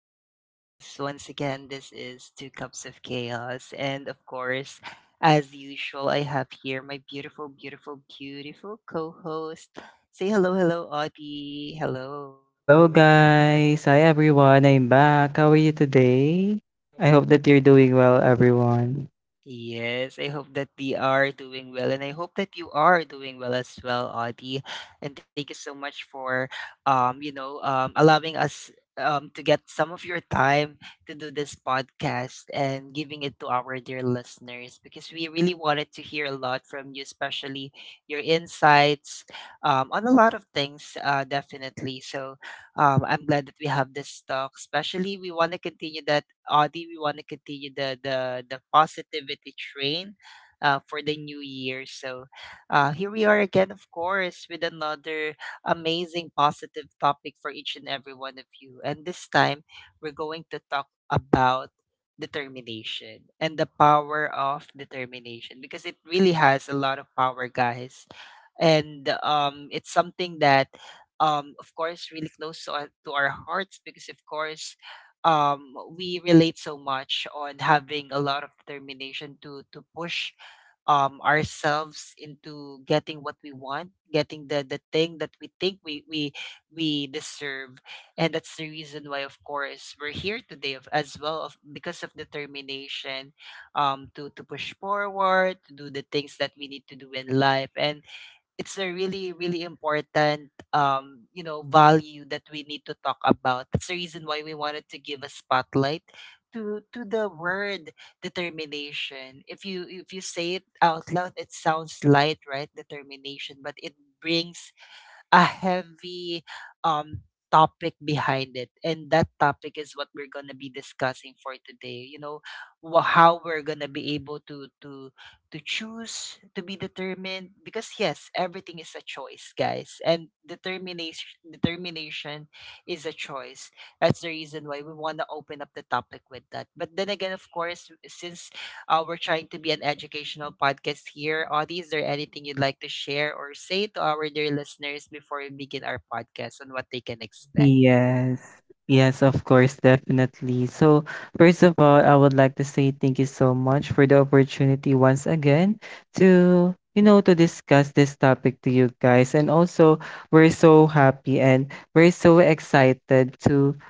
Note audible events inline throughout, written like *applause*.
podcast. Once again, this is Two Cups of Chaos. And of course, as usual, I have here my beautiful, beautiful, beautiful co host. Say hello, hello, Audie. Hello. Hello guys. Hi everyone. I'm back. How are you today? I hope that you're doing well, everyone. Yes, I hope that we are doing well, and I hope that you are doing well as well, Audie. And thank you so much for, allowing us to get some of your time to do this podcast and giving it to our dear listeners because we really wanted to hear a lot from you, especially your insights on a lot of things, definitely. So I'm glad that we have this talk, especially we want to continue that do we want to continue the the positivity train for the new year? So here we are again, of course, with another amazing positive topic for each and every one of you. And this time, we're going to talk about determination and the power of determination because it really has a lot of power, guys. And it's something that, of course, really close to to our hearts because, of course, we relate so much on having a lot of determination to push ourselves into getting what we want, getting the thing that we think we deserve, and that's the reason why, of course, we're here today of, as well of because of determination, to push forward, to do the things that we need to do in life, and it's a really really important value that we need to talk about. That's the reason why we wanted to give a spotlight to the word determination. If you if you say it out loud, it sounds light, right? Determination. But it brings a heavy um topic behind it, and that topic is what we're going to be discussing for today. Wha how we're going to be able to to choose to be determined, because yes, everything is a choice, guys. And determination is a choice. That's the reason why we want to open up the topic with that. But then again, of course, since we're trying to be an educational podcast here. Audie, is there anything you'd like to share or say to our dear listeners before we begin our podcast on what they can expect? Yes. Yes, of course, definitely. So, first of all, I would like to say thank you so much for the opportunity once again to, to discuss this topic to you guys. And also, we're so happy and we're so excited to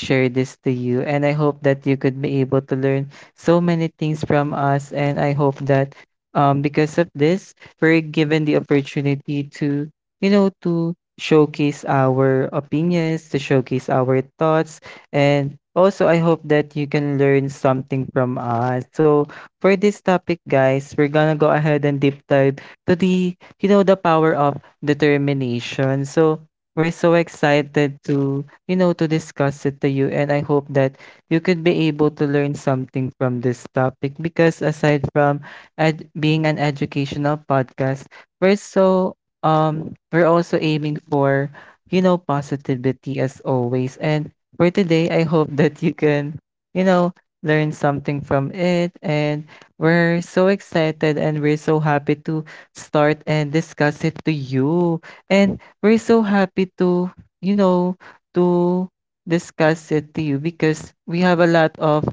share this to you. And I hope that you could be able to learn so many things from us. And I hope that because of this, we're given the opportunity to, to showcase our opinions, to showcase our thoughts. And also, I hope that you can learn something from us. So, for this topic, guys, we're gonna go ahead and deep dive to the, the power of determination. So, we're so excited to, to discuss it to you. And I hope that you could be able to learn something from this topic because aside from being an educational podcast, we're so we're also aiming for positivity as always. And for today, I hope that you can, you know learn something from it. And we're so excited and we're so happy to start and discuss it to you. And we're so happy to, you know to discuss it to you because we have a lot of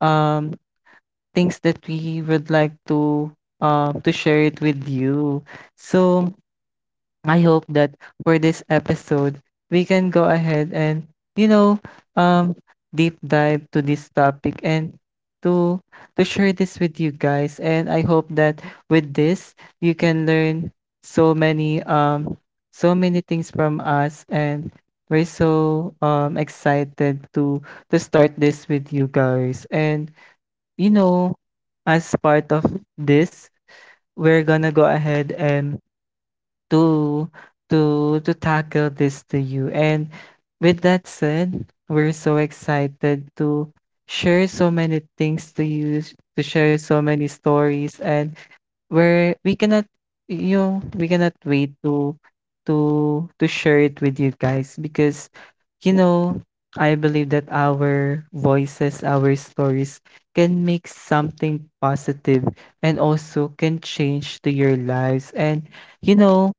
um things that we would like to, to share it with you. So I hope that for this episode, we can go ahead and, you know, um, deep dive to this topic and to to share this with you guys. And I hope that with this, you can learn so many so many things from us. And we're so excited to start this with you guys. And you know, as part of this, we're gonna go ahead and to to tackle this to you. And with that said, we're so excited to share so many things to you, to share so many stories. And we're we cannot, you know, we cannot wait to to share it with you guys because you know, I believe that our voices, our stories can make something positive and also can change to your lives. And you know,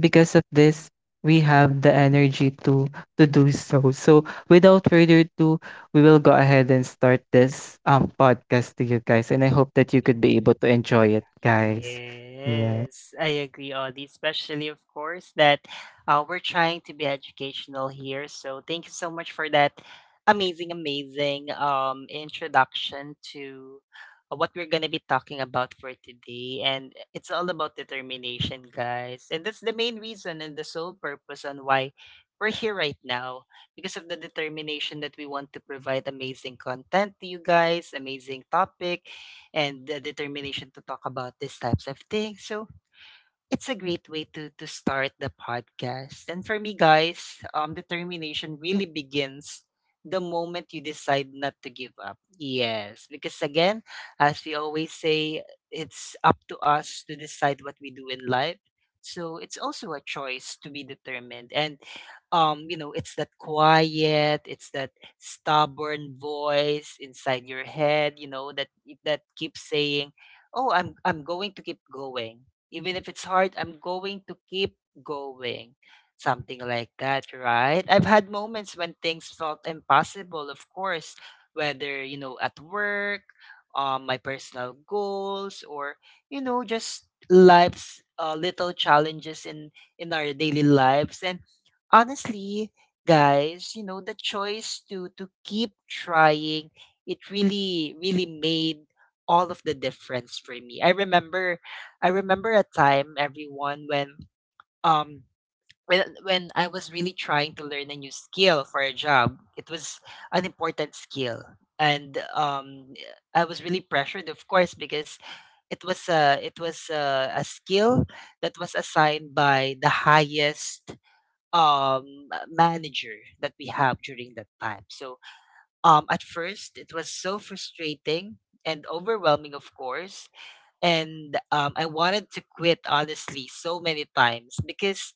because of this, we have the energy to do so. So without further ado, we will go ahead and start this podcast to you guys, and I hope that you Be could able be to able to enjoy it. enjoy it, Yeah. guys. Yeah. Yes, I agree, Audie. Especially, of course, that we're trying to be educational here. So, thank you so much for that amazing, amazing introduction to what we're going to be talking about for today. And it's all about determination, guys. And that's the main reason and the sole purpose on why we're here right now because of the determination that we want to provide amazing content to you guys, amazing topic and the determination to talk about these types of things. So it's a great way to start the podcast. And for me, guys, determination really begins the moment you decide not to give up. Yes, because again, as we always say, it's up to us to decide what we do in life. So it's also a choice to be determined. And you know, it's that quiet, it's that stubborn voice inside your head, you know, that keeps saying, oh, I'm going to keep going. Even if it's hard, I'm going to keep going. Something like that, right? I've had moments when things felt impossible, of course, whether, you know, at work, my personal goals, or, you know, just life's little challenges in our daily lives. And honestly, guys, you know, the choice to keep trying, it really really made all of the difference for me. I remember a time, everyone, when um when I was really trying to learn a new skill for a job. It was an important skill, and I was really pressured, of course, because it was a a skill that was assigned by the highest manager that we have during that time. So at first it was so frustrating and overwhelming, of course. And I wanted to quit, honestly, so many times because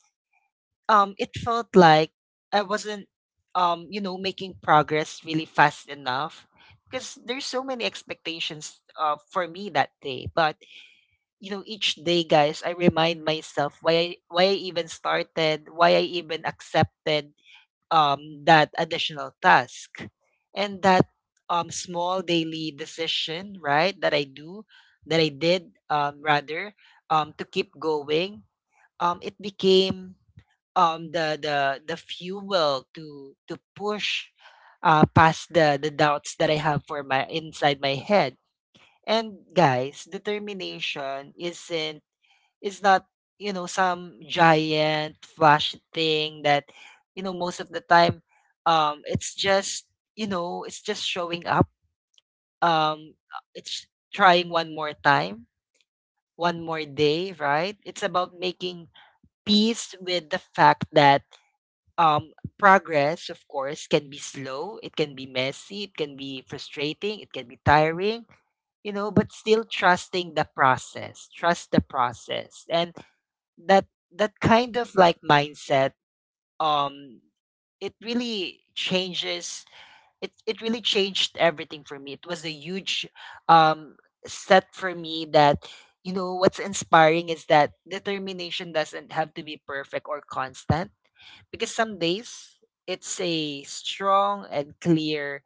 it felt like I wasn't, you know, making progress really fast enough because there's so many expectations for me that day. But you know, each day, guys, I remind myself why I even started, why I even accepted that additional task. And that small daily decision, right, that I do that I did, rather, to keep going, it became the fuel to push past the doubts that I have for my inside my head. And guys, determination isn't, it's not, you know, some giant flash thing that, you know, most of the time, it's just, you know, it's just showing up. It's trying one more time, one more day, right? It's about making peace with the fact that, um, progress, of course, can be slow, it can be messy, it can be frustrating, it can be tiring, you know, but still trusting the process, trust the process. And that that kind of like mindset, um it really changes, it really changed everything for me. It was a huge um set for me. That, you know, what's inspiring is that determination doesn't have to be perfect or constant, because some days it's a strong and clear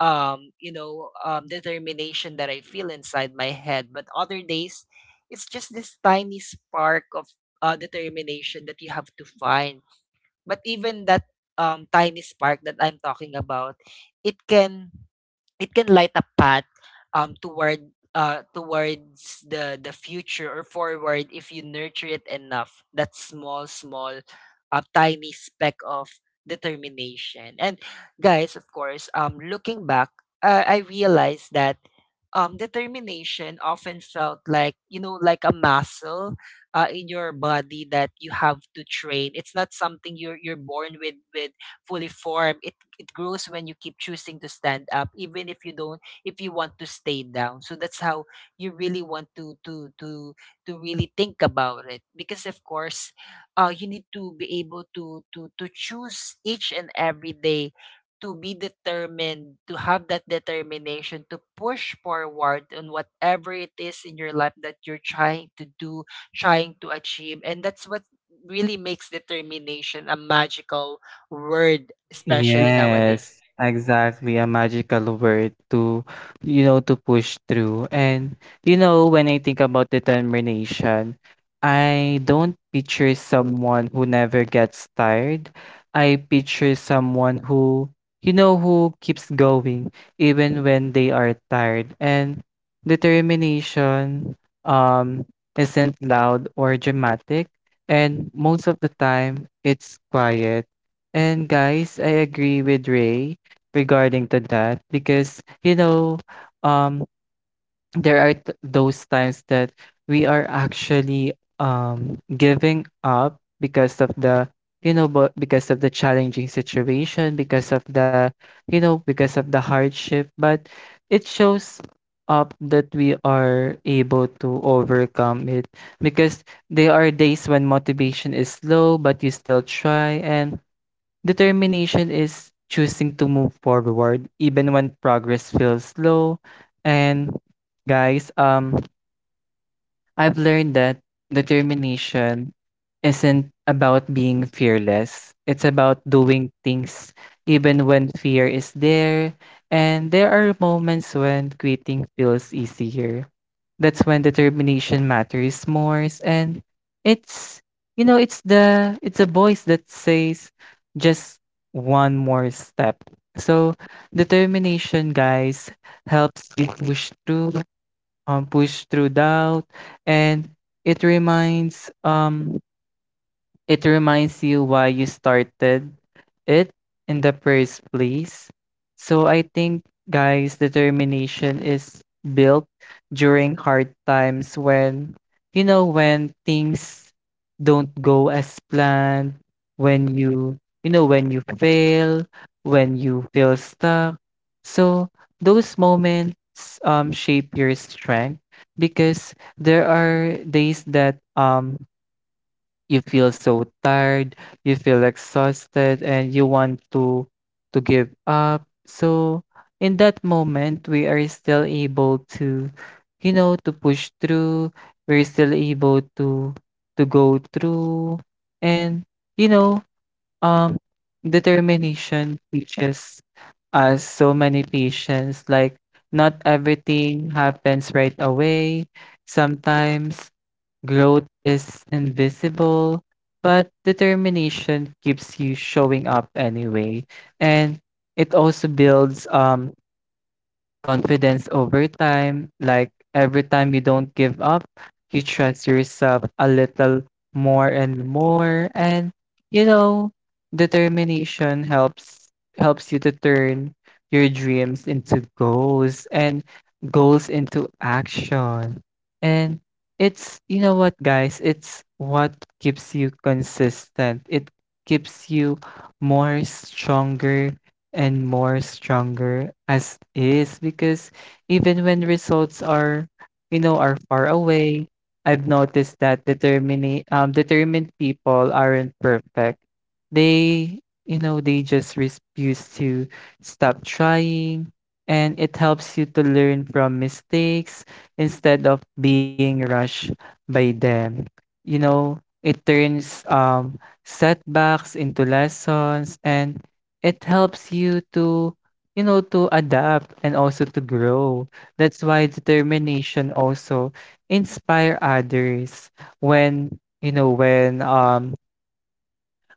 determination that I feel inside my head, but other days it's just this tiny spark of determination that you have to find. But even that tiny spark that I'm talking about, it can it can light a path, towards the future or forward if you nurture it enough. That small, small, tiny speck of determination. And guys, of course, looking back, I realized that determination often felt like, you know, like a muscle in your body that you have to train. It's not something you're born with fully formed. It it grows when you keep choosing to stand up, even if you don't, if you want to stay down. So that's how you really want to to really think about it, because of course, you need to be able to choose each and every day to be determined, to have that determination to push forward on whatever it is in your life that you're trying to do, trying to achieve. And that's what really makes determination a magical word, especially nowadays. Yes, exactly. A magical word to, to push through. And, you know, when I think about determination, I don't picture someone who never gets tired. I picture someone who, who keeps going even when they are tired. And determination, um, isn't loud or dramatic. And most of the time, it's quiet. And guys, I agree with Ray regarding to that because you know, um, there are those times that we are actually giving up because of the, but because of the challenging situation, because of the, because of the hardship. But it shows up that we are able to overcome it because there are days when motivation is low, but you still try. And determination is choosing to move forward even when progress feels slow. And guys, I've learned that determination isn't about being fearless. It's about doing things even when fear is there. And there are moments when quitting feels easier. That's when determination matters more. And it's, you know, it's a voice that says just one more step. So determination, guys, helps you push through doubt. And it reminds um, it reminds you why you started it in the first place. So I think, guys, determination is built during hard times when, you know, when things don't go as planned, when you, when you fail, when you feel stuck. So those moments shape your strength because there are days that you feel so tired, you feel exhausted, and you want to give up. So in that moment, we are still able to, to push through. We're still able to go through. And you know, um, determination teaches us so many patience. Like not everything happens right away. Sometimes growth is invisible, but determination keeps you showing up anyway. And it also builds confidence over time. Like every time you don't give up, you trust yourself a little more and more. And you know, determination helps you to turn your dreams into goals and goals into action. And it's, you know what guys, it's what keeps you consistent. It keeps you more stronger and more stronger as is because even when results are, you know, are far away, I've noticed that determined people aren't perfect. They, you know, they just refuse to stop trying. And it helps you to learn from mistakes instead of being rushed by them. You know, it turns setbacks into lessons and it helps you to, to adapt and also to grow. That's why determination also inspire others when, you know,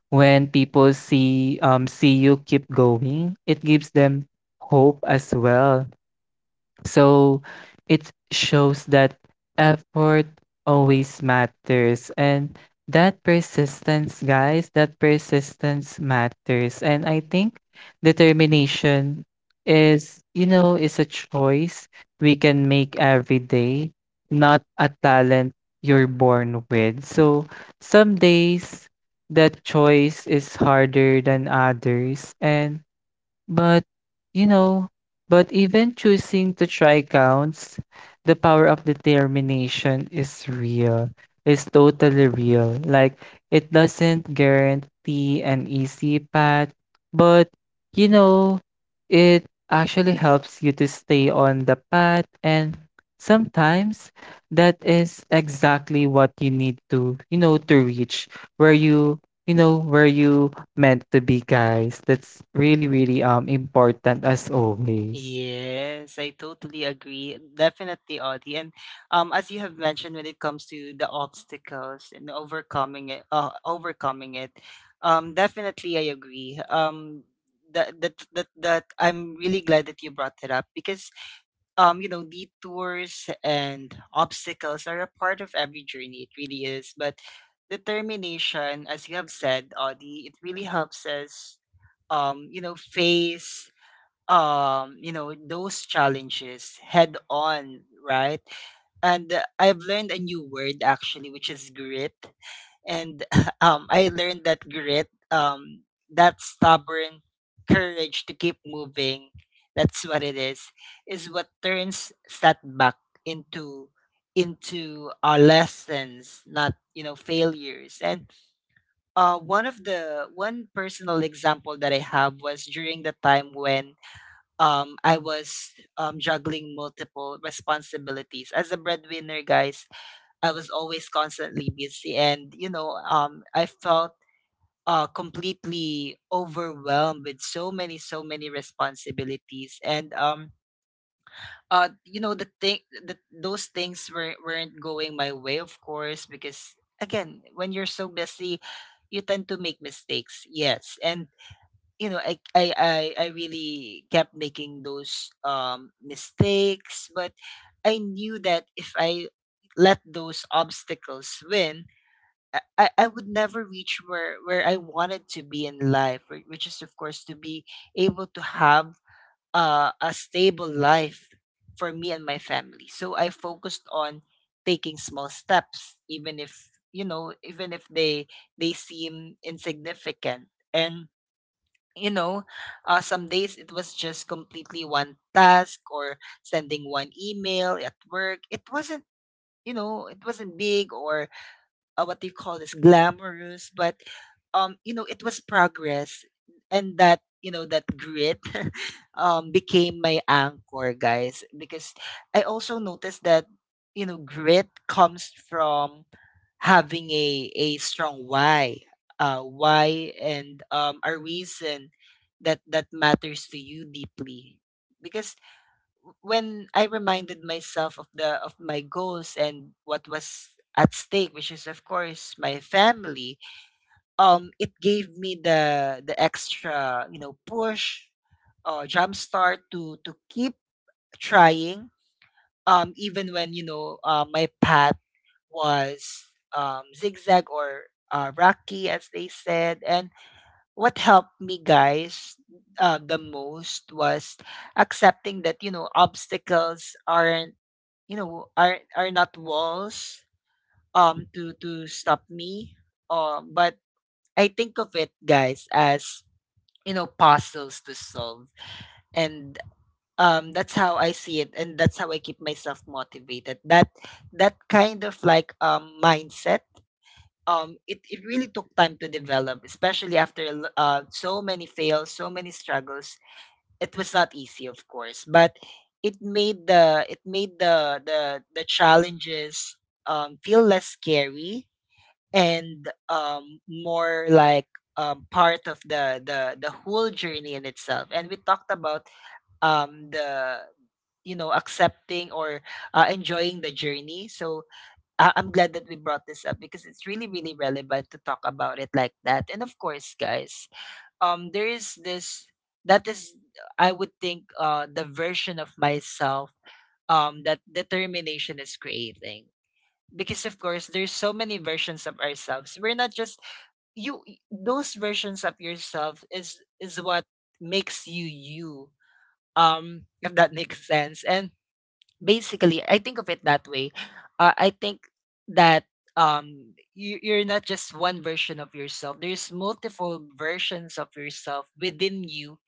when people see see you keep going, it gives them hope as well. So it shows that effort always matters and that persistence, guys, that persistence matters. And I think determination is, you know, is a choice we can make every day, not a talent you're born with. So some days that choice is harder than others, and but, you know, but even choosing to try counts. The power of determination is real. It's totally real. Like, it doesn't guarantee an easy path, but, you know, it actually helps you to stay on the path. And sometimes that is exactly what you need to, to reach where you know, where you meant to be, guys. That's really, really important as always. Yes, I totally agree. Definitely, Audie. And as you have mentioned, when it comes to the obstacles and overcoming it, definitely I agree. That I'm really glad that you brought it up, because you know, detours and obstacles are a part of every journey. It really is. But determination, as you have said, Audie, it really helps us you know, face you know, those challenges head on, right? And I've learned a new word actually, which is grit. And *laughs* I learned that grit, that stubborn courage to keep moving, that's what it is what turns setback into our lessons, not, you know, failures. And one of the one personal example that I have was during the time when I was juggling multiple responsibilities. As a breadwinner, guys, I was always constantly busy. And, you know, I felt completely overwhelmed with so many, so many responsibilities. And, you know, those things were, weren't going my way, of course, because, again, when you're so busy, you tend to make mistakes. Yes. And you know, I really kept making those mistakes. But I knew that if I let those obstacles win, I would never reach where I wanted to be in life, which is of course to be able to have a stable life for me and my family. So I focused on taking small steps, even if, you know, even if they they seem insignificant. And you know, some days it was just completely one task or sending one email at work. It wasn't, it wasn't big or what do you call this glamorous, but it was progress, and that you know that grit *laughs* became my anchor, guys, because I also noticed that grit comes from having a strong why and a reason that matters to you deeply because when I reminded myself of the of my goals and what was at stake, which is of course my family. It gave me the extra push, jump start to keep trying even when my path was zigzag or rocky, as they said. And what helped me, guys, the most was accepting that obstacles aren't, are not walls to stop me. But I think of it, guys, as puzzles to solve, and that's how I see it, and that's how I keep myself motivated. That kind of like mindset, it really took time to develop, especially after so many fails, so many struggles. It was not easy, of course, but it made the challenges feel less scary and more like part of the whole journey in itself. And we talked about the accepting or enjoying the journey. So I'm glad that we brought this up because it's really, really relevant to talk about it like that. And of course, guys, there is this that is, I would think, the version of myself that determination is creating. Because of course, there's so many versions of ourselves. We're not just Those versions of yourself is what makes you you. If that makes sense. And basically, I think of it that way. I think that you're not just one version of yourself. There's multiple versions of yourself within you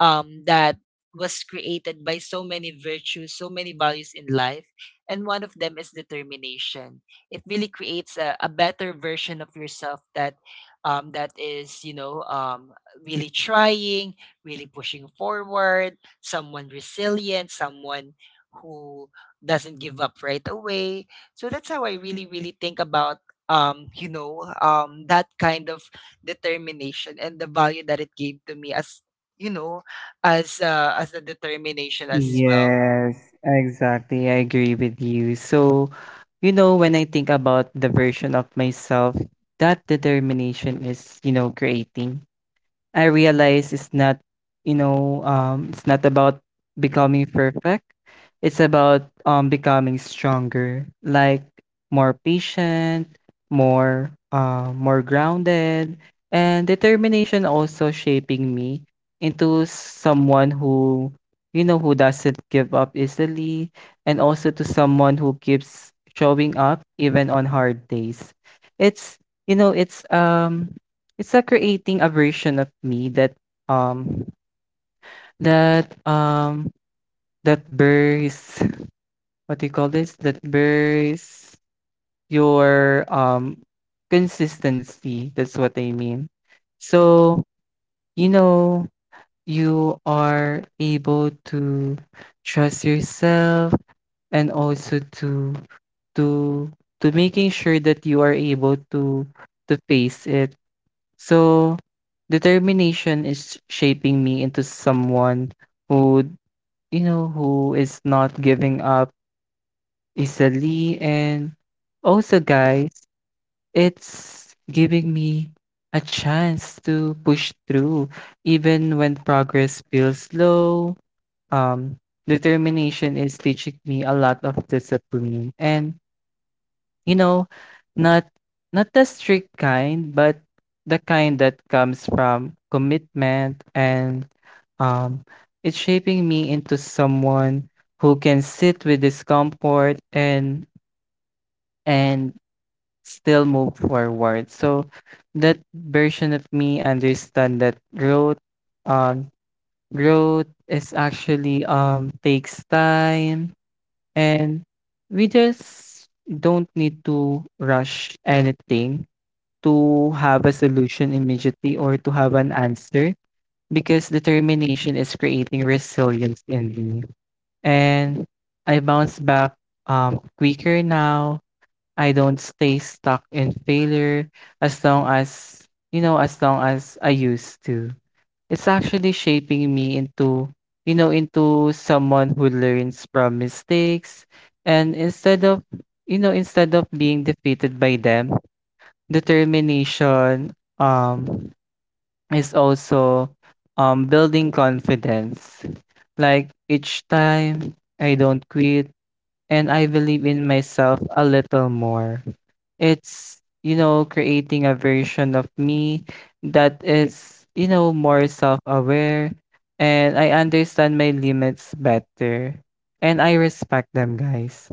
that was created by so many virtues, so many values in life. And one of them is determination. It really creates a better version of yourself that um, that is, you know, um, really trying, really pushing forward, someone resilient, someone who doesn't give up right away. So that's how I really, really think about that kind of determination and the value that it gave to me as you know as a determination as well. Yes, exactly. I agree with you. So, you know, when I think about the version of myself, that determination is, creating. I realize it's not, it's not about becoming perfect. It's about becoming stronger, like more patient, more more grounded. And determination also shaping me into someone who, who doesn't give up easily, and also to someone who keeps showing up even on hard days. It's, you know, it's like creating a version of me that um that um that bears *laughs* what do you call this? That bears your consistency. That's what I mean. So, you know, you are able to trust yourself and also to to to making sure that you are able to face it. So, determination is shaping me into someone who, who is not giving up easily. And also, guys, it's giving me a chance to push through, even when progress feels slow. Um, Determination is teaching me a lot of discipline. And you know, not not the strict kind, but the kind that comes from commitment. And um it's shaping me into someone who can sit with discomfort and and still move forward. So that version of me understand that growth, um growth is actually takes time. And we just don't need to rush anything to have a solution immediately or to have an answer because determination is creating resilience in me. And I bounce back quicker now. I don't stay stuck in failure as long as, as long as I used to. It's actually shaping me into, into someone who learns from mistakes and instead of, instead of being defeated by them. Determination um is also building confidence. Like each time I don't quit and I believe in myself a little more. It's, you know, creating a version of me that is, you know, more self-aware. And I understand my limits better. And I respect them, guys,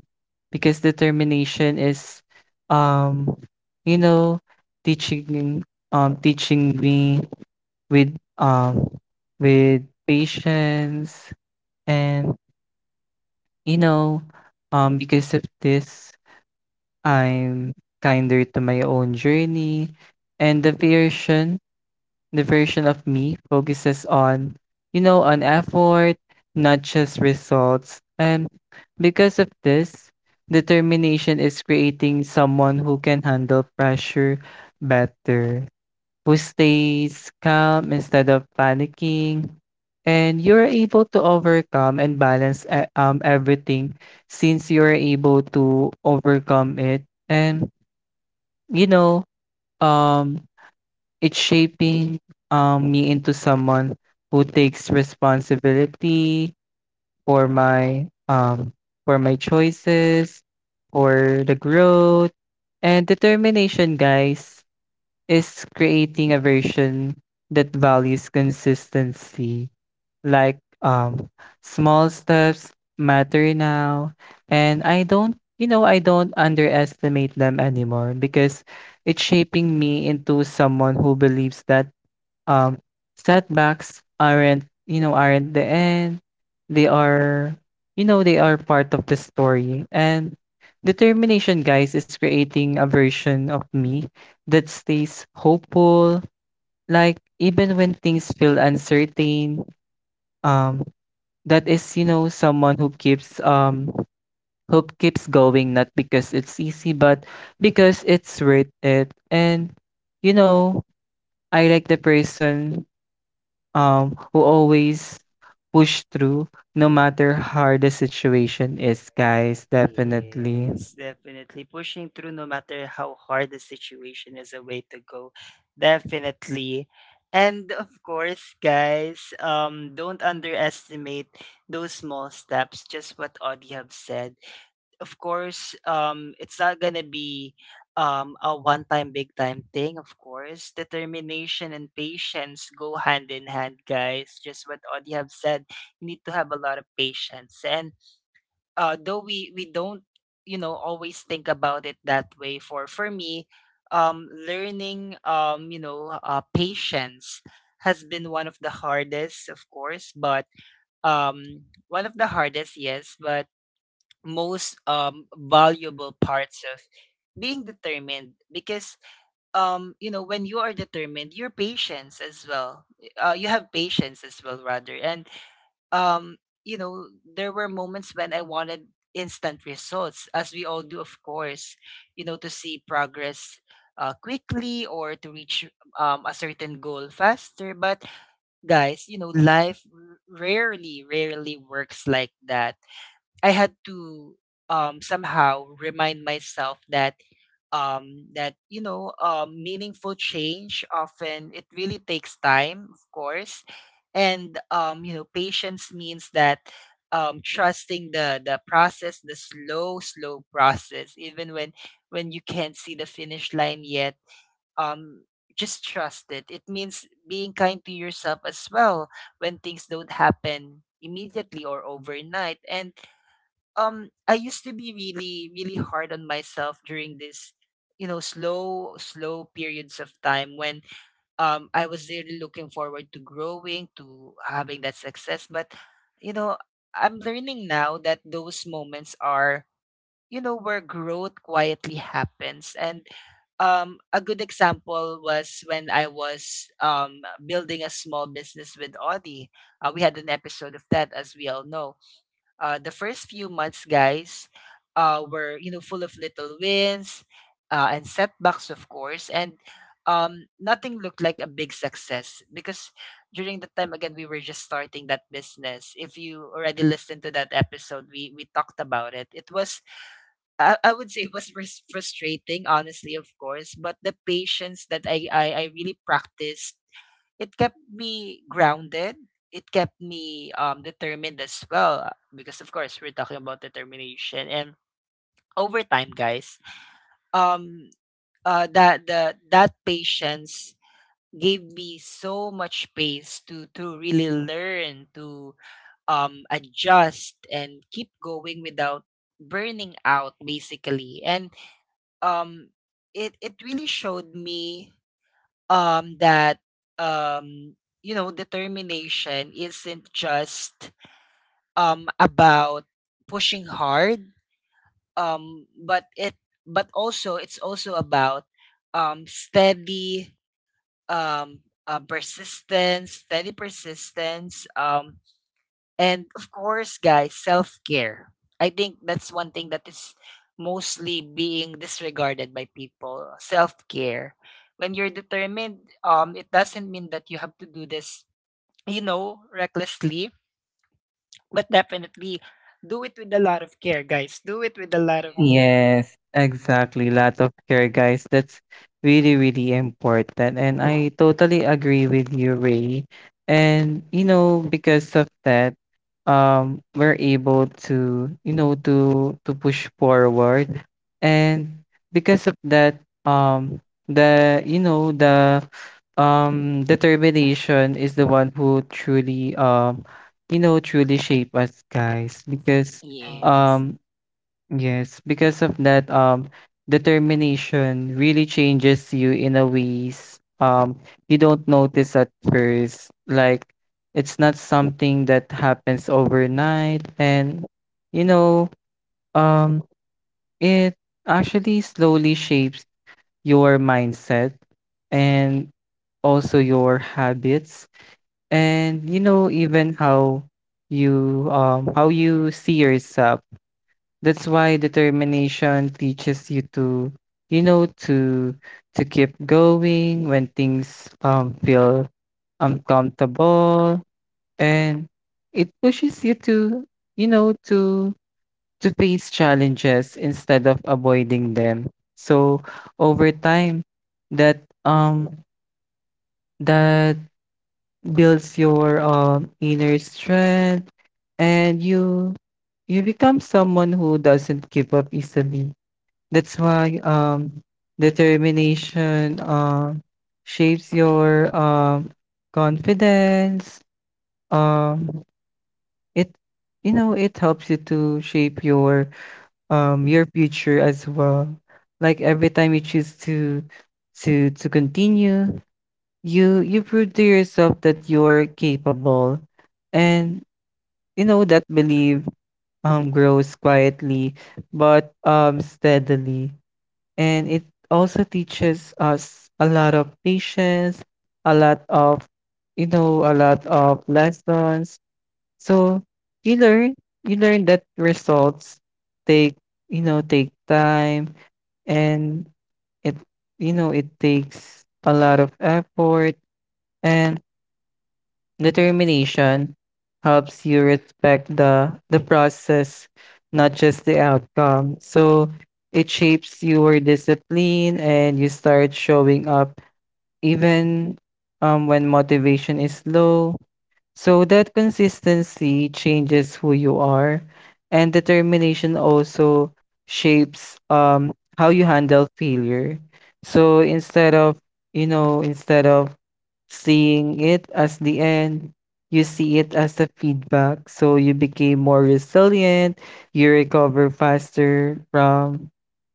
because determination is um, you know, teaching teaching me with um with patience and you know because of this I'm kinder to my own journey, and the version of me focuses on, on effort, not just results. And because of this, determination is creating someone who can handle pressure better, who stays calm instead of panicking, and you're able to overcome and balance everything since you're able to overcome it. And you know, um, it's shaping me into someone who takes responsibility for my um, for my choices, for the growth. And determination, guys, is creating a version that values consistency. Like small steps matter now, and I don't I don't underestimate them anymore, because it's shaping me into someone who believes that um setbacks aren't, aren't the end. They are, they are part of the story. And determination, guys, is creating a version of me that stays hopeful, like even when things feel uncertain. um that is, someone who keeps going, not because it's easy but because it's worth it. And you know I like the person who always push through, no matter how hard the situation is, guys. Definitely. Yes, definitely. Pushing through no matter how hard the situation is a way to go. Definitely. And of course, guys, don't underestimate those small steps, just what Audie have said. Of course, it's not gonna be a one-time, big-time thing. Of course, determination and patience go hand in hand, guys. Just what Audie have said, you need to have a lot of patience. And though we don't, always think about it that way. For me, learning patience has been one of the hardest, of course, but one of the hardest, yes, but most valuable parts of being determined. Because you know when you are determined your patience as well, you have patience as well rather. And um you know there were moments when I wanted instant results, as we all do, of course, to see progress quickly or to reach a certain goal faster. But guys, you know life rarely works like that. I had to somehow remind myself that meaningful change often it really takes time, of course, and you know patience means that trusting the process, the slow process, even when you can't see the finish line yet. Um, just trust it. It means being kind to yourself as well when things don't happen immediately or overnight. And I used to be really really hard on myself during this you know slow periods of time when I was really looking forward to growing, to having that success. But you know, I'm learning now that those moments are you know where growth quietly happens. And a good example was when I was building a small business with Audi. We had an episode of that, as we all know. The first few months, guys, were you know full of little wins and setbacks, of course, and nothing looked like a big success, because during the time again we were just starting that business. If you already listened to that episode, we talked about it. It was, I would say, it was frustrating, honestly, of course, but the patience that I really practiced, it kept me grounded. It kept me determined as well, because of course we're talking about determination. And over time, guys, Um, that patience gave me so much space to really learn to adjust and keep going without burning out, basically. And um it it really showed me that um you know determination isn't just about pushing hard, but it's also about steady um persistence steady persistence. And of course, guys, self care. I think that's one thing that is mostly being disregarded by people. Self care. When you're determined, it doesn't mean that you have to do this, recklessly, but definitely do it with a lot of care, guys. Do it with a lot of care. Yes, exactly. Lot of care, guys. That's really, really important. And I totally agree with you, Ray. And, because of that, we're able to, to push forward. And because of that, um, the, you know, the determination is the one who truly truly shape us, guys, because Yes. um yes, because of that, determination really changes you in a ways you don't notice at first. Like, it's not something that happens overnight, and you know, um, it actually slowly shapes your mindset and also your habits, and, you know, even how you see yourself. That's why determination teaches you to, you know, to to keep going when things feel uncomfortable, and it pushes you to, you know, to to face challenges instead of avoiding them. So over time, that um that builds your inner strength, and you become someone who doesn't give up easily. That's why determination shapes your confidence. Um, it it helps you to shape your future as well. Like every time you choose to to continue, you prove to yourself that you're capable, and, you know, that belief grows quietly but, steadily. And it also teaches us a lot of patience, a lot of, a lot of lessons. So you learn, you learn that results take, take time. And it, it takes a lot of effort. And determination helps you respect the process, not just the outcome. So it shapes your discipline, and you start showing up even when motivation is low. So that consistency changes who you are. And determination also shapes how you handle failure. So instead of, you know instead of seeing it as the end, you see it as a feedback. So you became more resilient, you recover faster from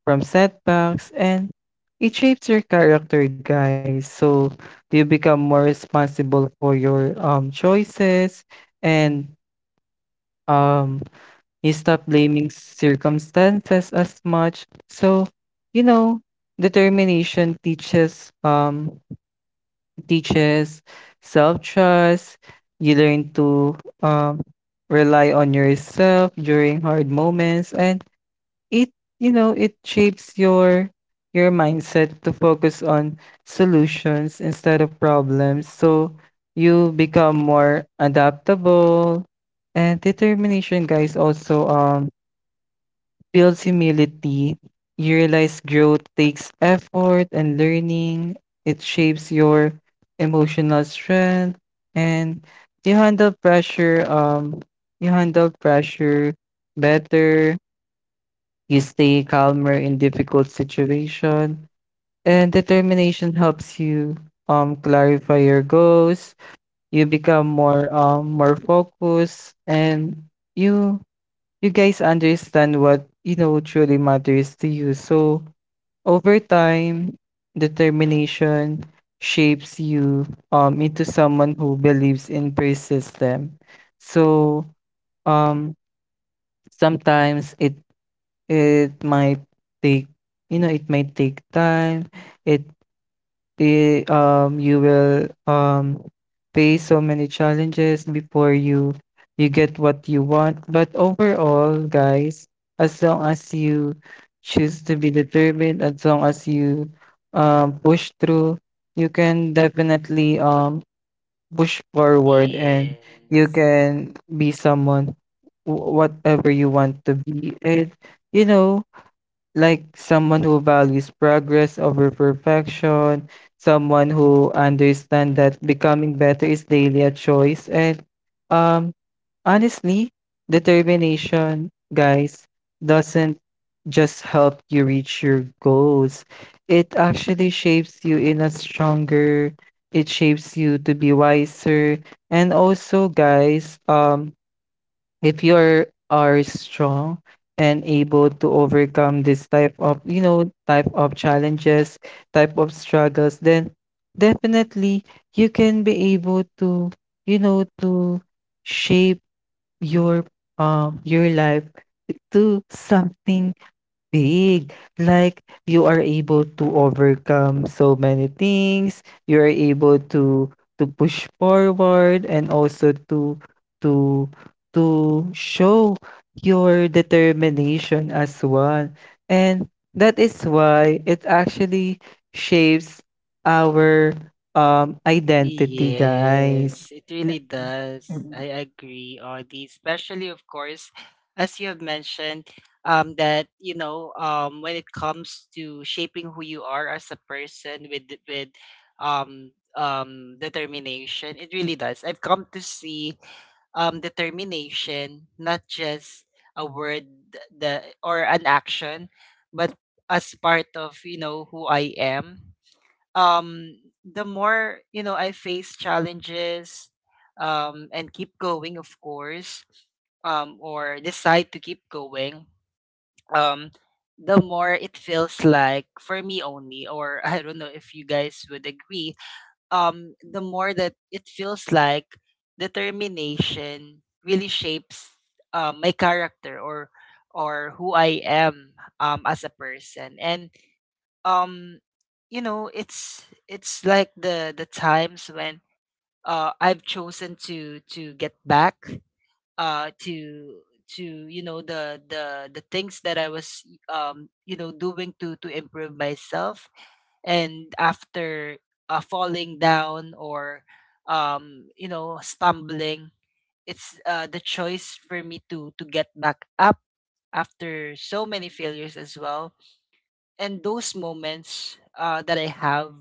setbacks, and it shapes your character, guys. So you become more responsible for your choices, and um you stop blaming circumstances as much. So, you know, determination teaches teaches self-trust. You learn to um, rely on yourself during hard moments, and it, it shapes your mindset to focus on solutions instead of problems. So you become more adaptable. And determination, guys, also, builds humility. You realize growth takes effort and learning. It shapes your emotional strength, and you handle pressure um you handle pressure better. You stay calmer in difficult situation. And determination helps you clarify your goals. You become more focused, and you you guys understand what truly matters to you. So over time, determination shapes you into someone who believes in persistence. So um sometimes it might take, it might take time. It you will, face so many challenges before you get what you want. But overall, guys, as long as you choose to be determined, as long as you, push through, you can definitely, push forward, and you Yes. can be someone, whatever you want to be. And, you know, like someone who values progress over perfection, someone who understands that becoming better is daily a choice. And, um, honestly, determination, guys, doesn't just help you reach your goals. It actually shapes you in a stronger. It shapes you to be wiser. And also, guys, if you are strong and able to overcome this type of, type of challenges, type of struggles, then definitely you can be able to, you know to shape your your life to something big. Like, you are able to overcome so many things. You are able to push forward, and also to to to show your determination as one. And that is why it actually shapes our identity, guys. Yes, it really does. I agree, Audie. Especially, of course, as you have mentioned, that you know, when it comes to shaping who you are as a person with determination, it really does. I've come to see determination not just a word, th- the or an action, but as part of you know who I am. um the more you know I face challenges and keep going, of course, or decide to keep going, um the more it feels like for me only, or *laughs* I don't know if you guys would agree, the more that it feels like determination really shapes my character, or who I am as a person. And um you know it's like the times when I've chosen to get back uh to to you know the things that I was you know doing to improve myself. And after falling down or you know stumbling, it's the choice for me to get back up after so many failures as well. And those moments that I have,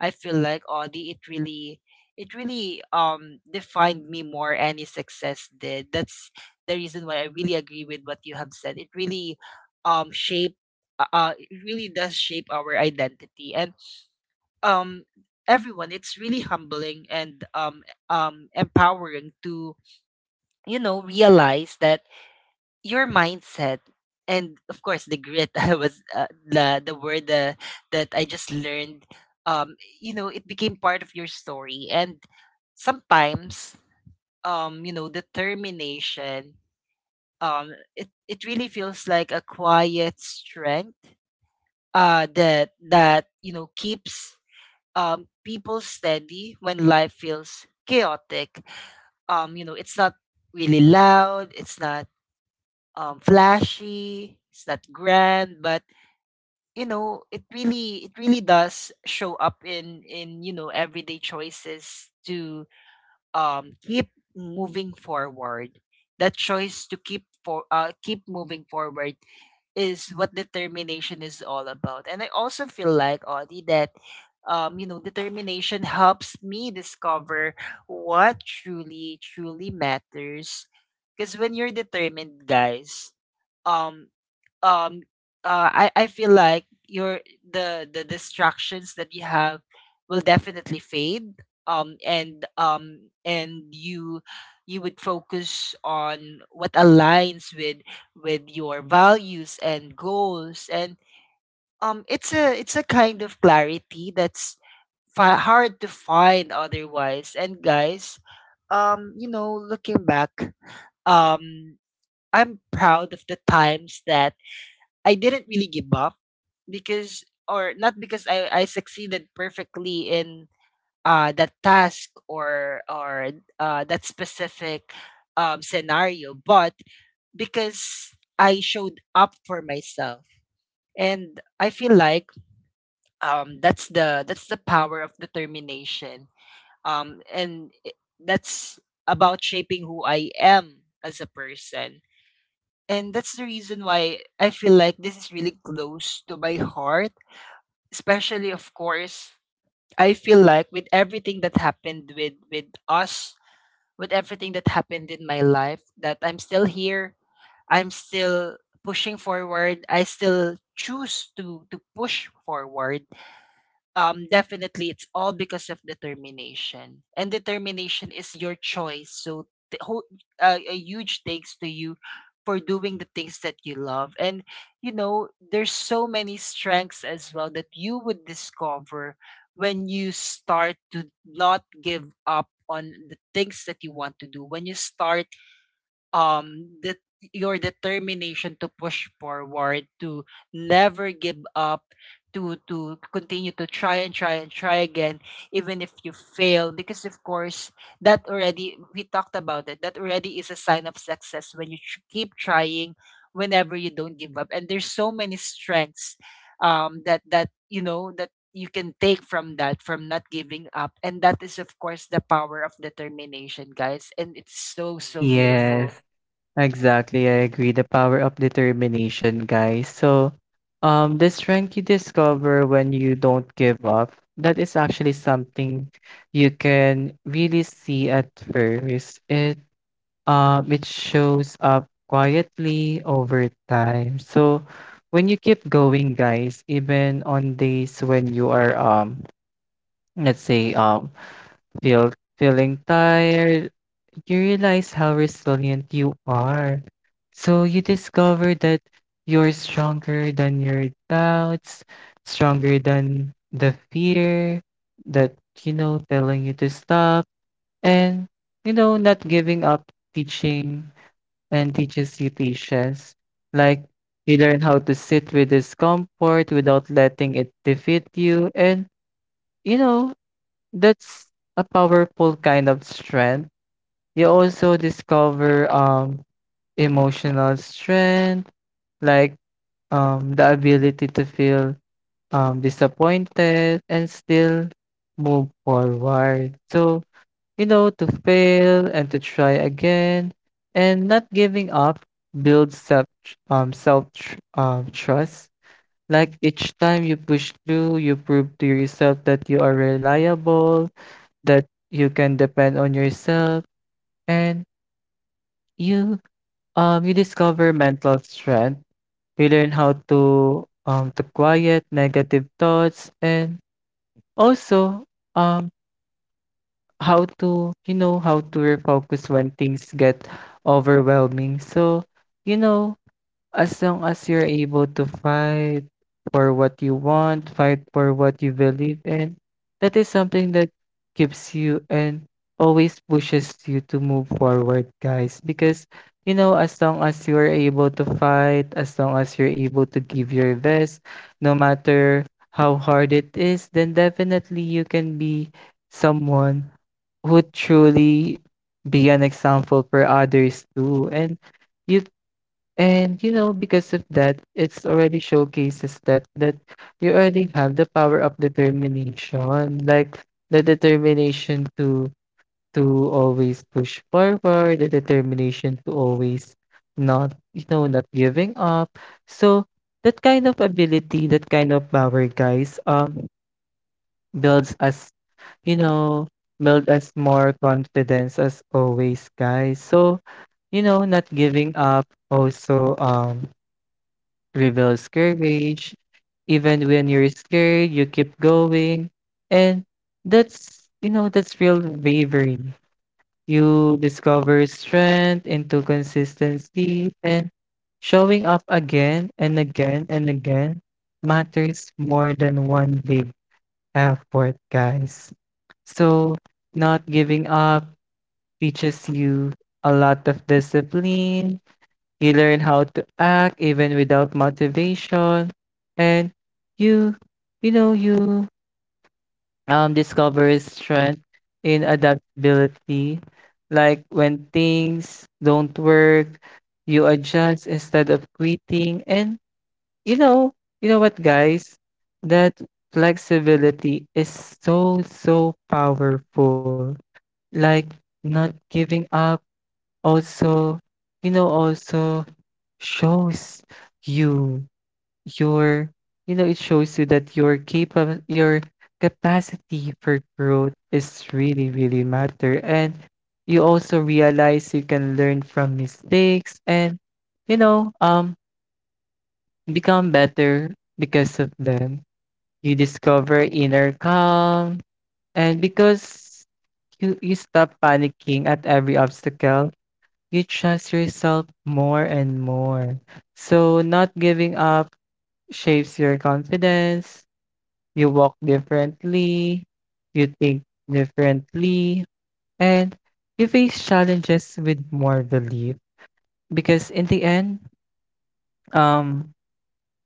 I feel like, Audi, it really defined me more. Any success did. That's the reason why I really agree with what you have said. It really, um, shape, it really does shape our identity. And um everyone, it's really humbling and empowering to realize that your mindset and of course the grit *laughs* I was the word that I just learned, um you know it became part of your story. And sometimes you know determination it it really feels like a quiet strength that you know keeps people steady when life feels chaotic. You know it's not really loud, it's not flashy, it's not grand, but you know, it really does show up in you know everyday choices to keep moving forward. That choice to keep moving forward is what determination is all about. And I also feel like, Audie, that you know determination helps me discover what truly matters. Because when you're determined, guys, um um I feel like your the distractions that you have will definitely fade. And you you would focus on what aligns with your values and goals. And it's a kind of clarity that's hard to find otherwise. And guys, you know, looking back, um I'm proud of the times that I didn't really give up, because, or not because I succeeded perfectly in that task or that specific scenario, but because I showed up for myself. And I feel like that's the power of determination. That's about shaping who I am as a person. And that's the reason why I feel like this is really close to my heart, especially of course I feel like with everything that happened with us, with everything that happened in my life, that I'm still here. I'm still pushing forward. I still choose to push forward, definitely. It's all because of determination, and determination is your choice. So, the whole, a huge thanks to you for doing the things that you love. And you know, there's so many strengths as well that you would discover when you start to not give up on the things that you want to do. When you start, that your determination to push forward, to never give up, to continue to try and try and try again, even if you fail. Because of course, that already, we talked about it, that already is a sign of success when you keep trying, whenever you don't give up. And there's so many strengths that you can take from that, from not giving up. And that is of course the power of determination, guys. And it's so, so, beautiful. Yes, exactly, I agree. The power of determination, guys. So, the strength you discover when you don't give up, that is actually something you can really see at first. It shows up quietly over time. So when you keep going, guys, even on days when you are, let's say, feeling tired, you realize how resilient you are. So you discover that you're stronger than your doubts, stronger than the fear that, you know, telling you to stop. And, you know, not giving up teaching and teaches you patience. Like, you learn how to sit with discomfort without letting it defeat you. And, you know, that's a powerful kind of strength. You also discover, emotional strength, like, the ability to feel, disappointed and still move forward. So, you know, to fail and to try again and not giving up builds self, trust. Like each time you push through, you prove to yourself that you are reliable, that you can depend on yourself. And you you discover mental strength. You learn how to quiet negative thoughts, and also, um how to refocus when things get overwhelming. So, you know, as long as you're able to fight for what you want, fight for what you believe in, that is something that keeps you and always pushes you to move forward, guys. Because, you know, as long as you're able to fight, as long as you're able to give your best, no matter how hard it is, then definitely you can be someone who truly be an example for others too. You and you know, because of that, it's already showcases that you already have the power of determination, like the determination to always push forward, the determination to always not, you know, not giving up. So that kind of ability, that kind of power, guys, builds us, you know, build us more confidence as always, guys. So, you know, not giving up also reveals courage. Even when you're scared, you keep going. And that's, you know, that's real bravery. You discover strength into consistency, and showing up again and again and again matters more than one big effort, guys. So, not giving up teaches you a lot of discipline. You learn how to act even without motivation. And you, you discover strength in adaptability. Like when things don't work, you adjust instead of quitting. And, you know, you know what, guys? That flexibility is so, so powerful. Like, not giving up also, you know, also shows you your you know it shows you that your capable, your capacity for growth is really, really matter. And you also realize you can learn from mistakes and, you know um become better because of them. You discover inner calm, and because you stop panicking at every obstacle, you trust yourself more and more. So not giving up shapes your confidence, you walk differently, you think differently, and you face challenges with more belief. Because in the end, um,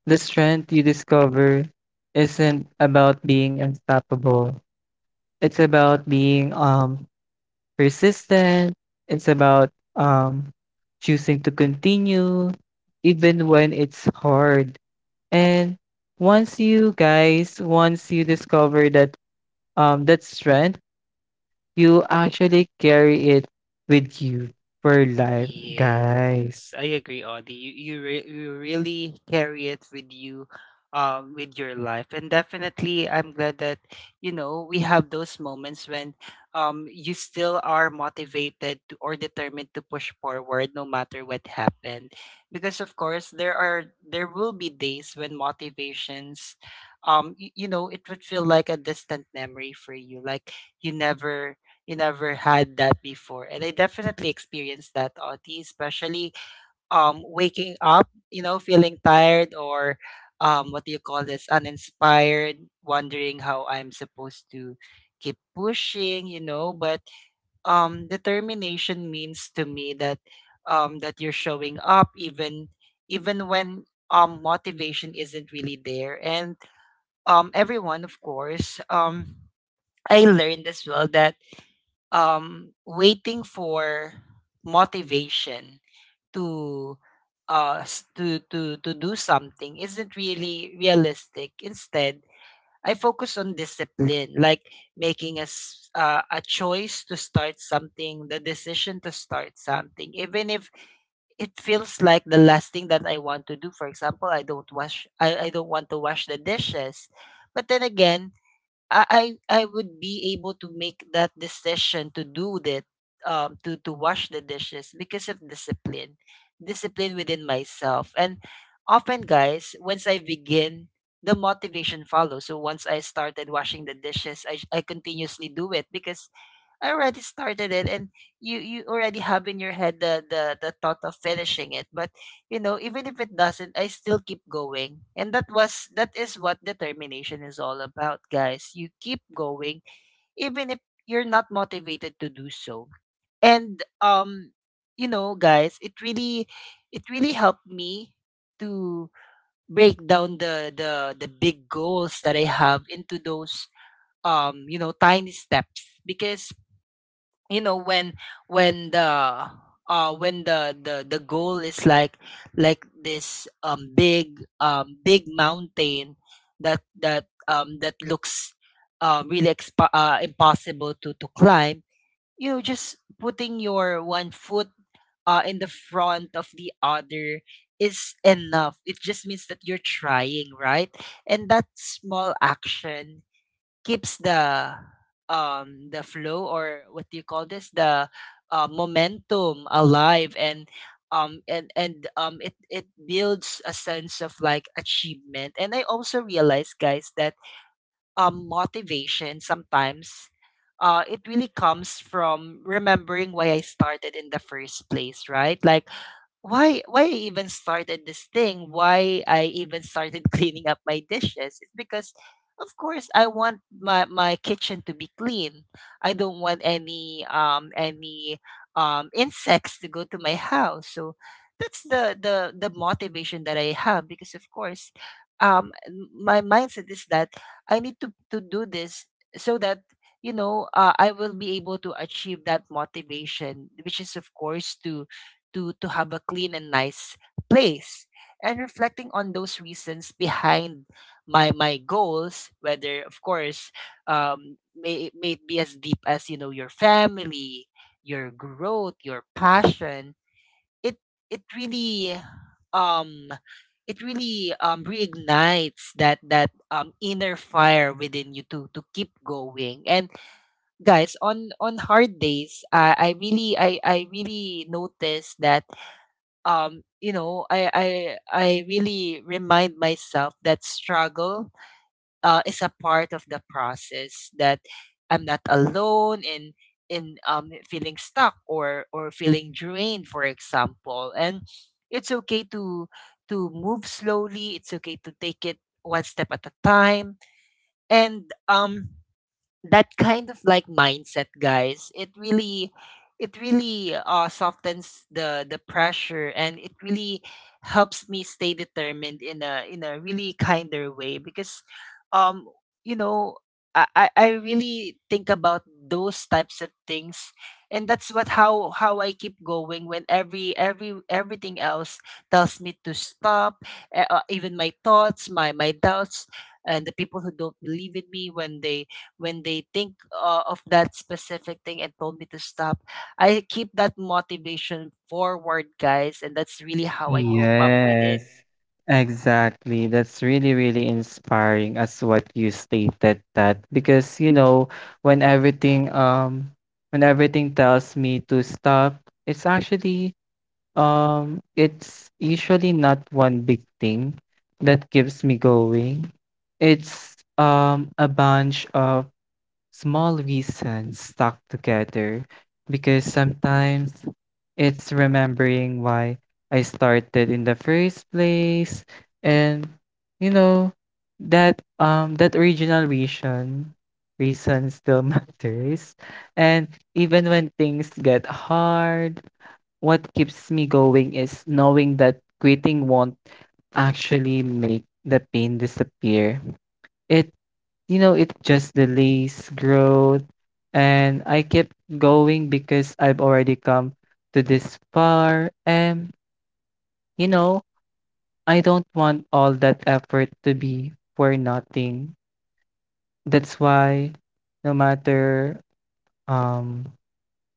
the strength you discover isn't about being unstoppable. It's about being, persistent. It's about, choosing to continue even when it's hard. And once you, guys, once you discover that, that strength, you actually carry it with you for life, guys. Yes, I agree, Audie. You really carry it with you, with your life. And definitely, I'm glad that you know we have those moments when, you still are motivated to, or determined to push forward no matter what happened. Because of course, there will be days when motivations, you know, it would feel like a distant memory for you, like you never, you never had that before. And I definitely experienced that, Oti, especially waking up, you know, feeling tired or what do you call this, uninspired, wondering how I'm supposed to keep pushing, you know. But determination means to me that that you're showing up even, even when motivation isn't really there. And everyone of course, I learned as well that waiting for motivation to to do something isn't really realistic. Instead, I focus on discipline, like making a choice to start something, the decision to start something, even if it feels like the last thing that I want to do. For example, I don't want to wash the dishes. But then again, I would be able to make that decision to do that, to wash the dishes because of discipline, discipline within myself. And often, guys, once I begin, the motivation follows. So once I started washing the dishes, I continuously do it because I already started it, and you already have in your head the thought of finishing it. But you know, even if it doesn't, I still keep going. And that is what determination is all about, guys. You keep going even if you're not motivated to do so. And you know, guys, it really, it really helped me to break down the big goals that I have into those you know, tiny steps. Because you know, when the, when the goal is like this big, big mountain that, that looks impossible to climb, you know, just putting your one foot in the front of the other is enough. It just means that you're trying, right? And that small action keeps the flow, or what do you call this, the momentum alive. And it it builds a sense of like achievement. And I also realize, guys, that motivation sometimes, it really comes from remembering why I started in the first place, right? Like, why I even started this thing, why I even started *laughs* cleaning up my dishes. It's because of course I want my, my kitchen to be clean. I don't want any insects to go to my house. So that's the motivation that I have. Because of course my mindset is that I need to do this, so that you know, I will be able to achieve that motivation, which is of course to, to have a clean and nice place. And reflecting on those reasons behind my, my goals, whether of course may it be as deep as you know your family, your growth, your passion, it it really, um it really reignites that, inner fire within you to keep going. And guys, on hard days, I really noticed that you know, I I really remind myself that struggle, is a part of the process, that I'm not alone in feeling stuck or feeling drained for example. And it's okay to move slowly, it's okay to take it one step at a time. And that kind of like mindset, guys, it really, it really softens the pressure, and it really helps me stay determined in a, in a really kinder way. Because um you know, I really think about those types of things. And that's what how I keep going when every, everything else tells me to stop. Even my thoughts, my doubts, and the people who don't believe in me, when they, when they think of that specific thing and told me to stop, I keep that motivation forward, guys. And that's really how I cope up with it. Yes, exactly. That's really, really inspiring as what you stated that because you know when everything um when everything tells me to stop, it's actually, it's usually not one big thing that keeps me going. It's a bunch of small reasons stuck together because sometimes it's remembering why I started in the first place. And, you know, that original reason still *laughs* matters. And even when things get hard, what keeps me going is knowing that quitting won't actually make the pain disappear. It, you know, it just delays growth. And I kept going because I've already come to this far. And, you know, I don't want all that effort to be for nothing. That's why no matter um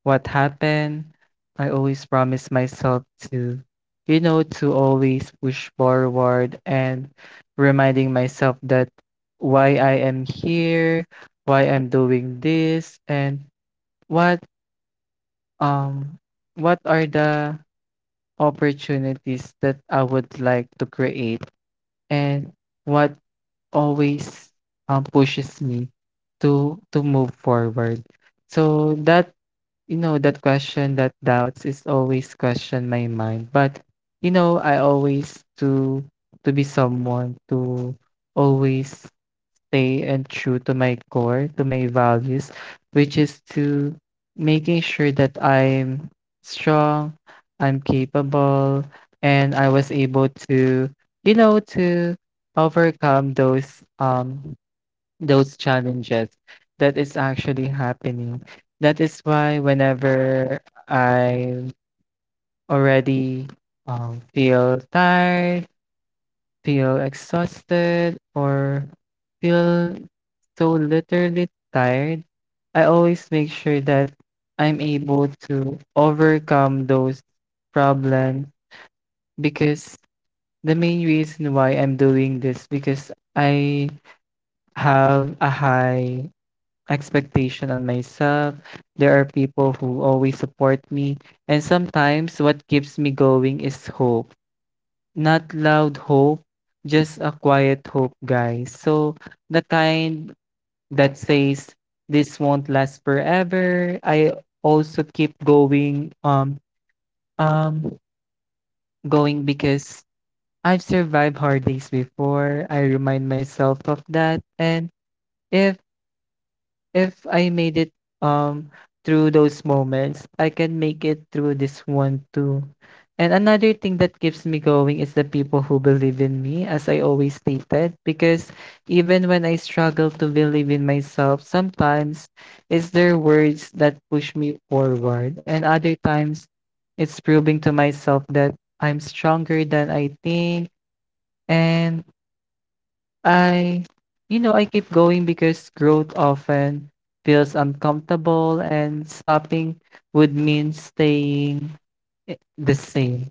what happened, I always promise myself to, you know, to always push forward and reminding myself that why I am here, why I'm doing this, and what um what are the opportunities that I would like to create and what always, pushes me to move forward. So that, you know, that question, that doubts is always question my mind. But, you know, I always to be someone to always stay and true to my core, to my values, which is to making sure that I'm strong, I'm capable, and I was able to, you know, to overcome those, those challenges that is actually happening. That is why whenever I already, feel tired, feel exhausted, or feel so literally tired, I always make sure that I'm able to overcome those problems because the main reason why I'm doing this because I have a high expectation on myself. There are people who always support me. And sometimes what keeps me going is hope. Not loud hope, just a quiet hope, guys. So the kind that says this won't last forever. I also keep going um going because I've survived hard days before. I remind myself of that, and if If I made it um through those moments, I can make it through this one too. And another thing that keeps me going is the people who believe in me, as I always stated, because even when I struggle to believe in myself, sometimes it's their words that push me forward, and other times it's proving to myself that I'm stronger than I think. And I I keep going because growth often feels uncomfortable, and stopping would mean staying the same.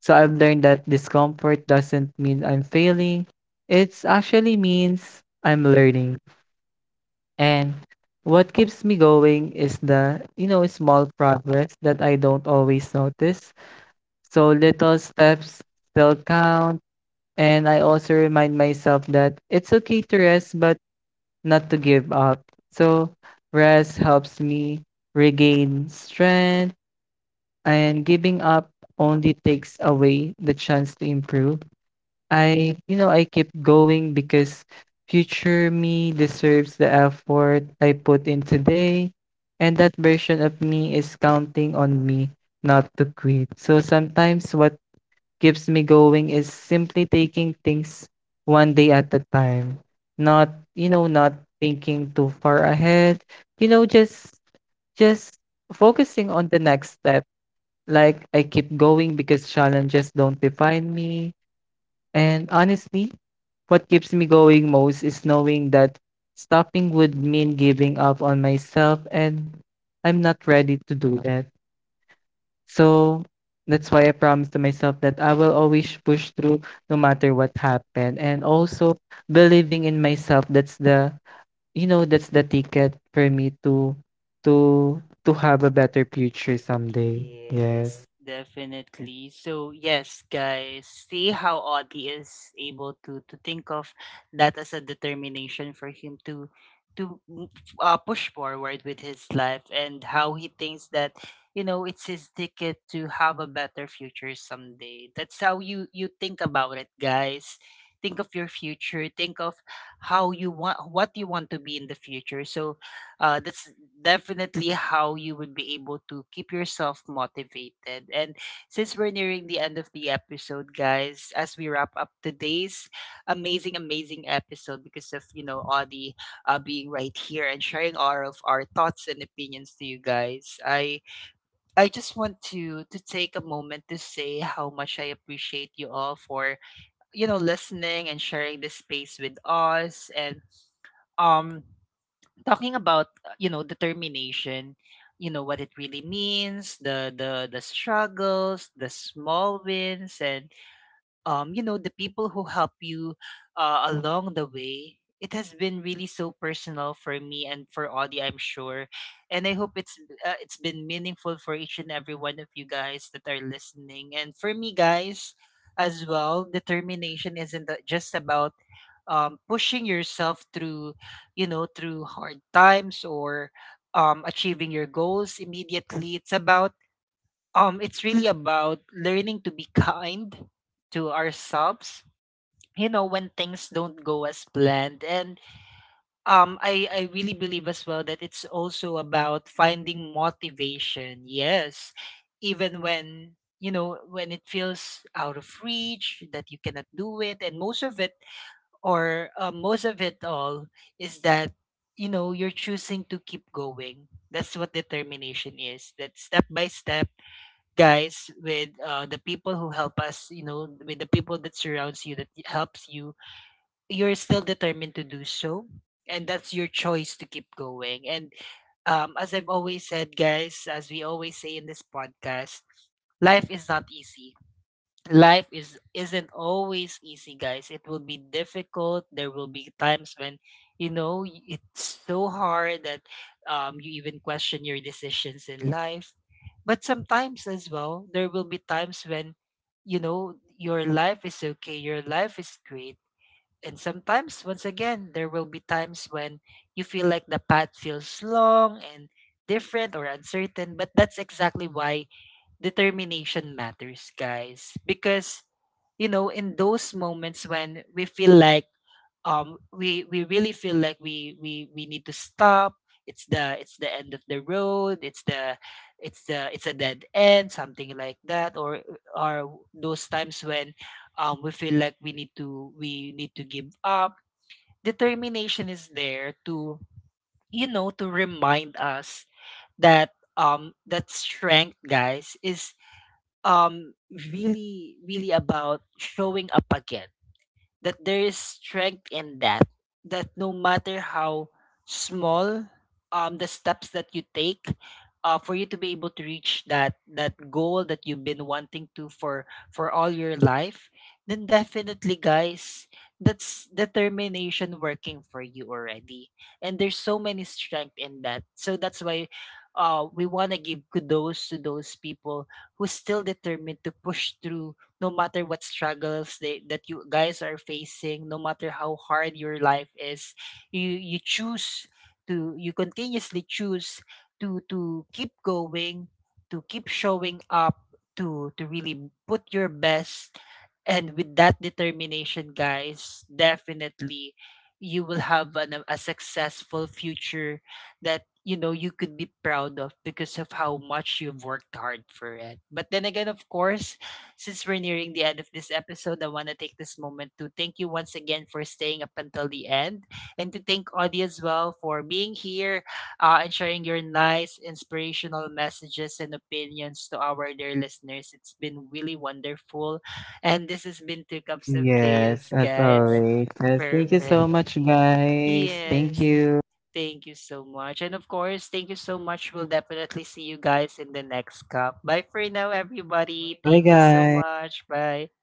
So I've learned that discomfort doesn't mean I'm failing. It's actually means I'm learning. And what keeps me going is the, you know, small progress that I don't always notice. So little steps still count. And I also remind myself that it's okay to rest, but not to give up. So, rest helps me regain strength, and giving up only takes away the chance to improve. I keep going because future me deserves the effort I put in today, and that version of me is counting on me not to quit. So, sometimes what keeps me going is simply taking things one day at a time. Not, you know, not thinking too far ahead. You know, just just focusing on the next step. Like, I keep going because challenges don't define me. And honestly, what keeps me going most is knowing that stopping would mean giving up on myself, and I'm not ready to do that. So, that's why I promised to myself that I will always push through no matter what happened. And also believing in myself, that's the, you know, that's the ticket for me to to have a better future someday. Yes, Yes. definitely. So yes, guys, see how Audie is able to think of that as a determination for him to to m- push forward with his life, and how he thinks that you know it's his ticket to have a better future someday. That's how you think about it, guys. Think of your future. Think of how you want, what you want to be in the future. So that's definitely how you would be able to keep yourself motivated. And since we're nearing the end of the episode, guys, as we wrap up today's amazing, amazing episode because of, you know, Audie being right here and sharing all of our thoughts and opinions to you guys, I just want to take a moment to say how much I appreciate you all for, you know, listening and sharing this space with us. And um talking about you know, determination, you know what it really means, the, the struggles, the small wins, and you know, the people who help you along the way. It has been really so personal for me, and for Audie I'm sure. And I hope it's, it's been meaningful for each and every one of you guys that are listening. And for me, guys, as well, determination isn't just about pushing yourself through, you know, through hard times, or achieving your goals immediately. It's about it's really about learning to be kind to ourselves. You know, when things don't go as planned. And I really believe as well that it's also about finding motivation. Yes, even when, you know, when it feels out of reach, that you cannot do it. And most of it, or most of it all, is that you know, you're choosing to keep going. That's what determination is, that step by step, guys, with the people who help us, you know, with the people that surrounds you, that helps you, you're still determined to do so. And that's your choice to keep going. And as I've always said, guys, as we always say in this podcast, life is not easy, life is, isn't always easy, guys. It will be difficult. There will be times when, you know, it's so hard that you even question your decisions in life. But sometimes as well, there will be times when you know, your life is okay, your life is great. And sometimes, once again, there will be times when you feel like the path feels long and different or uncertain. But that's exactly why determination matters, guys. Because you know, in those moments when we feel like we really feel like we need to stop, it's the, it's the end of the road, it's the, it's the, it's a dead end, something like that. Or those times when we feel like we need to give up, determination is there to, you know, to remind us that that strength, guys, is um really, really about showing up again. That there is strength in that, that no matter how small the steps that you take for you to be able to reach that, that goal that you've been wanting to for all your life, then definitely, guys, that's determination working for you already. And there's so many strength in that. So that's why we want to give kudos to those people who still determined to push through, no matter what struggles that you guys are facing, no matter how hard your life is, you choose to, you continuously choose to keep going, to keep showing up, to really put your best. And with that determination, guys, definitely you will have a successful future that you know you could be proud of, because of how much you've worked hard for it. But then again, of course, since we're nearing the end of this episode, I want to take this moment to thank you once again for staying up until the end, and to thank Audie as well for being here, and sharing your nice, inspirational messages and opinions to our dear listeners. It's been really wonderful. And this has been Two Cups of Yes, Chaos, as guys. always. Yes, thank you so Perfect. much, guys. Thank Yes. you. Thank you so much. And of course, thank you so much. We'll definitely see you guys in the next cup. Bye for now, everybody. Bye, Thank you so guys. much. Bye.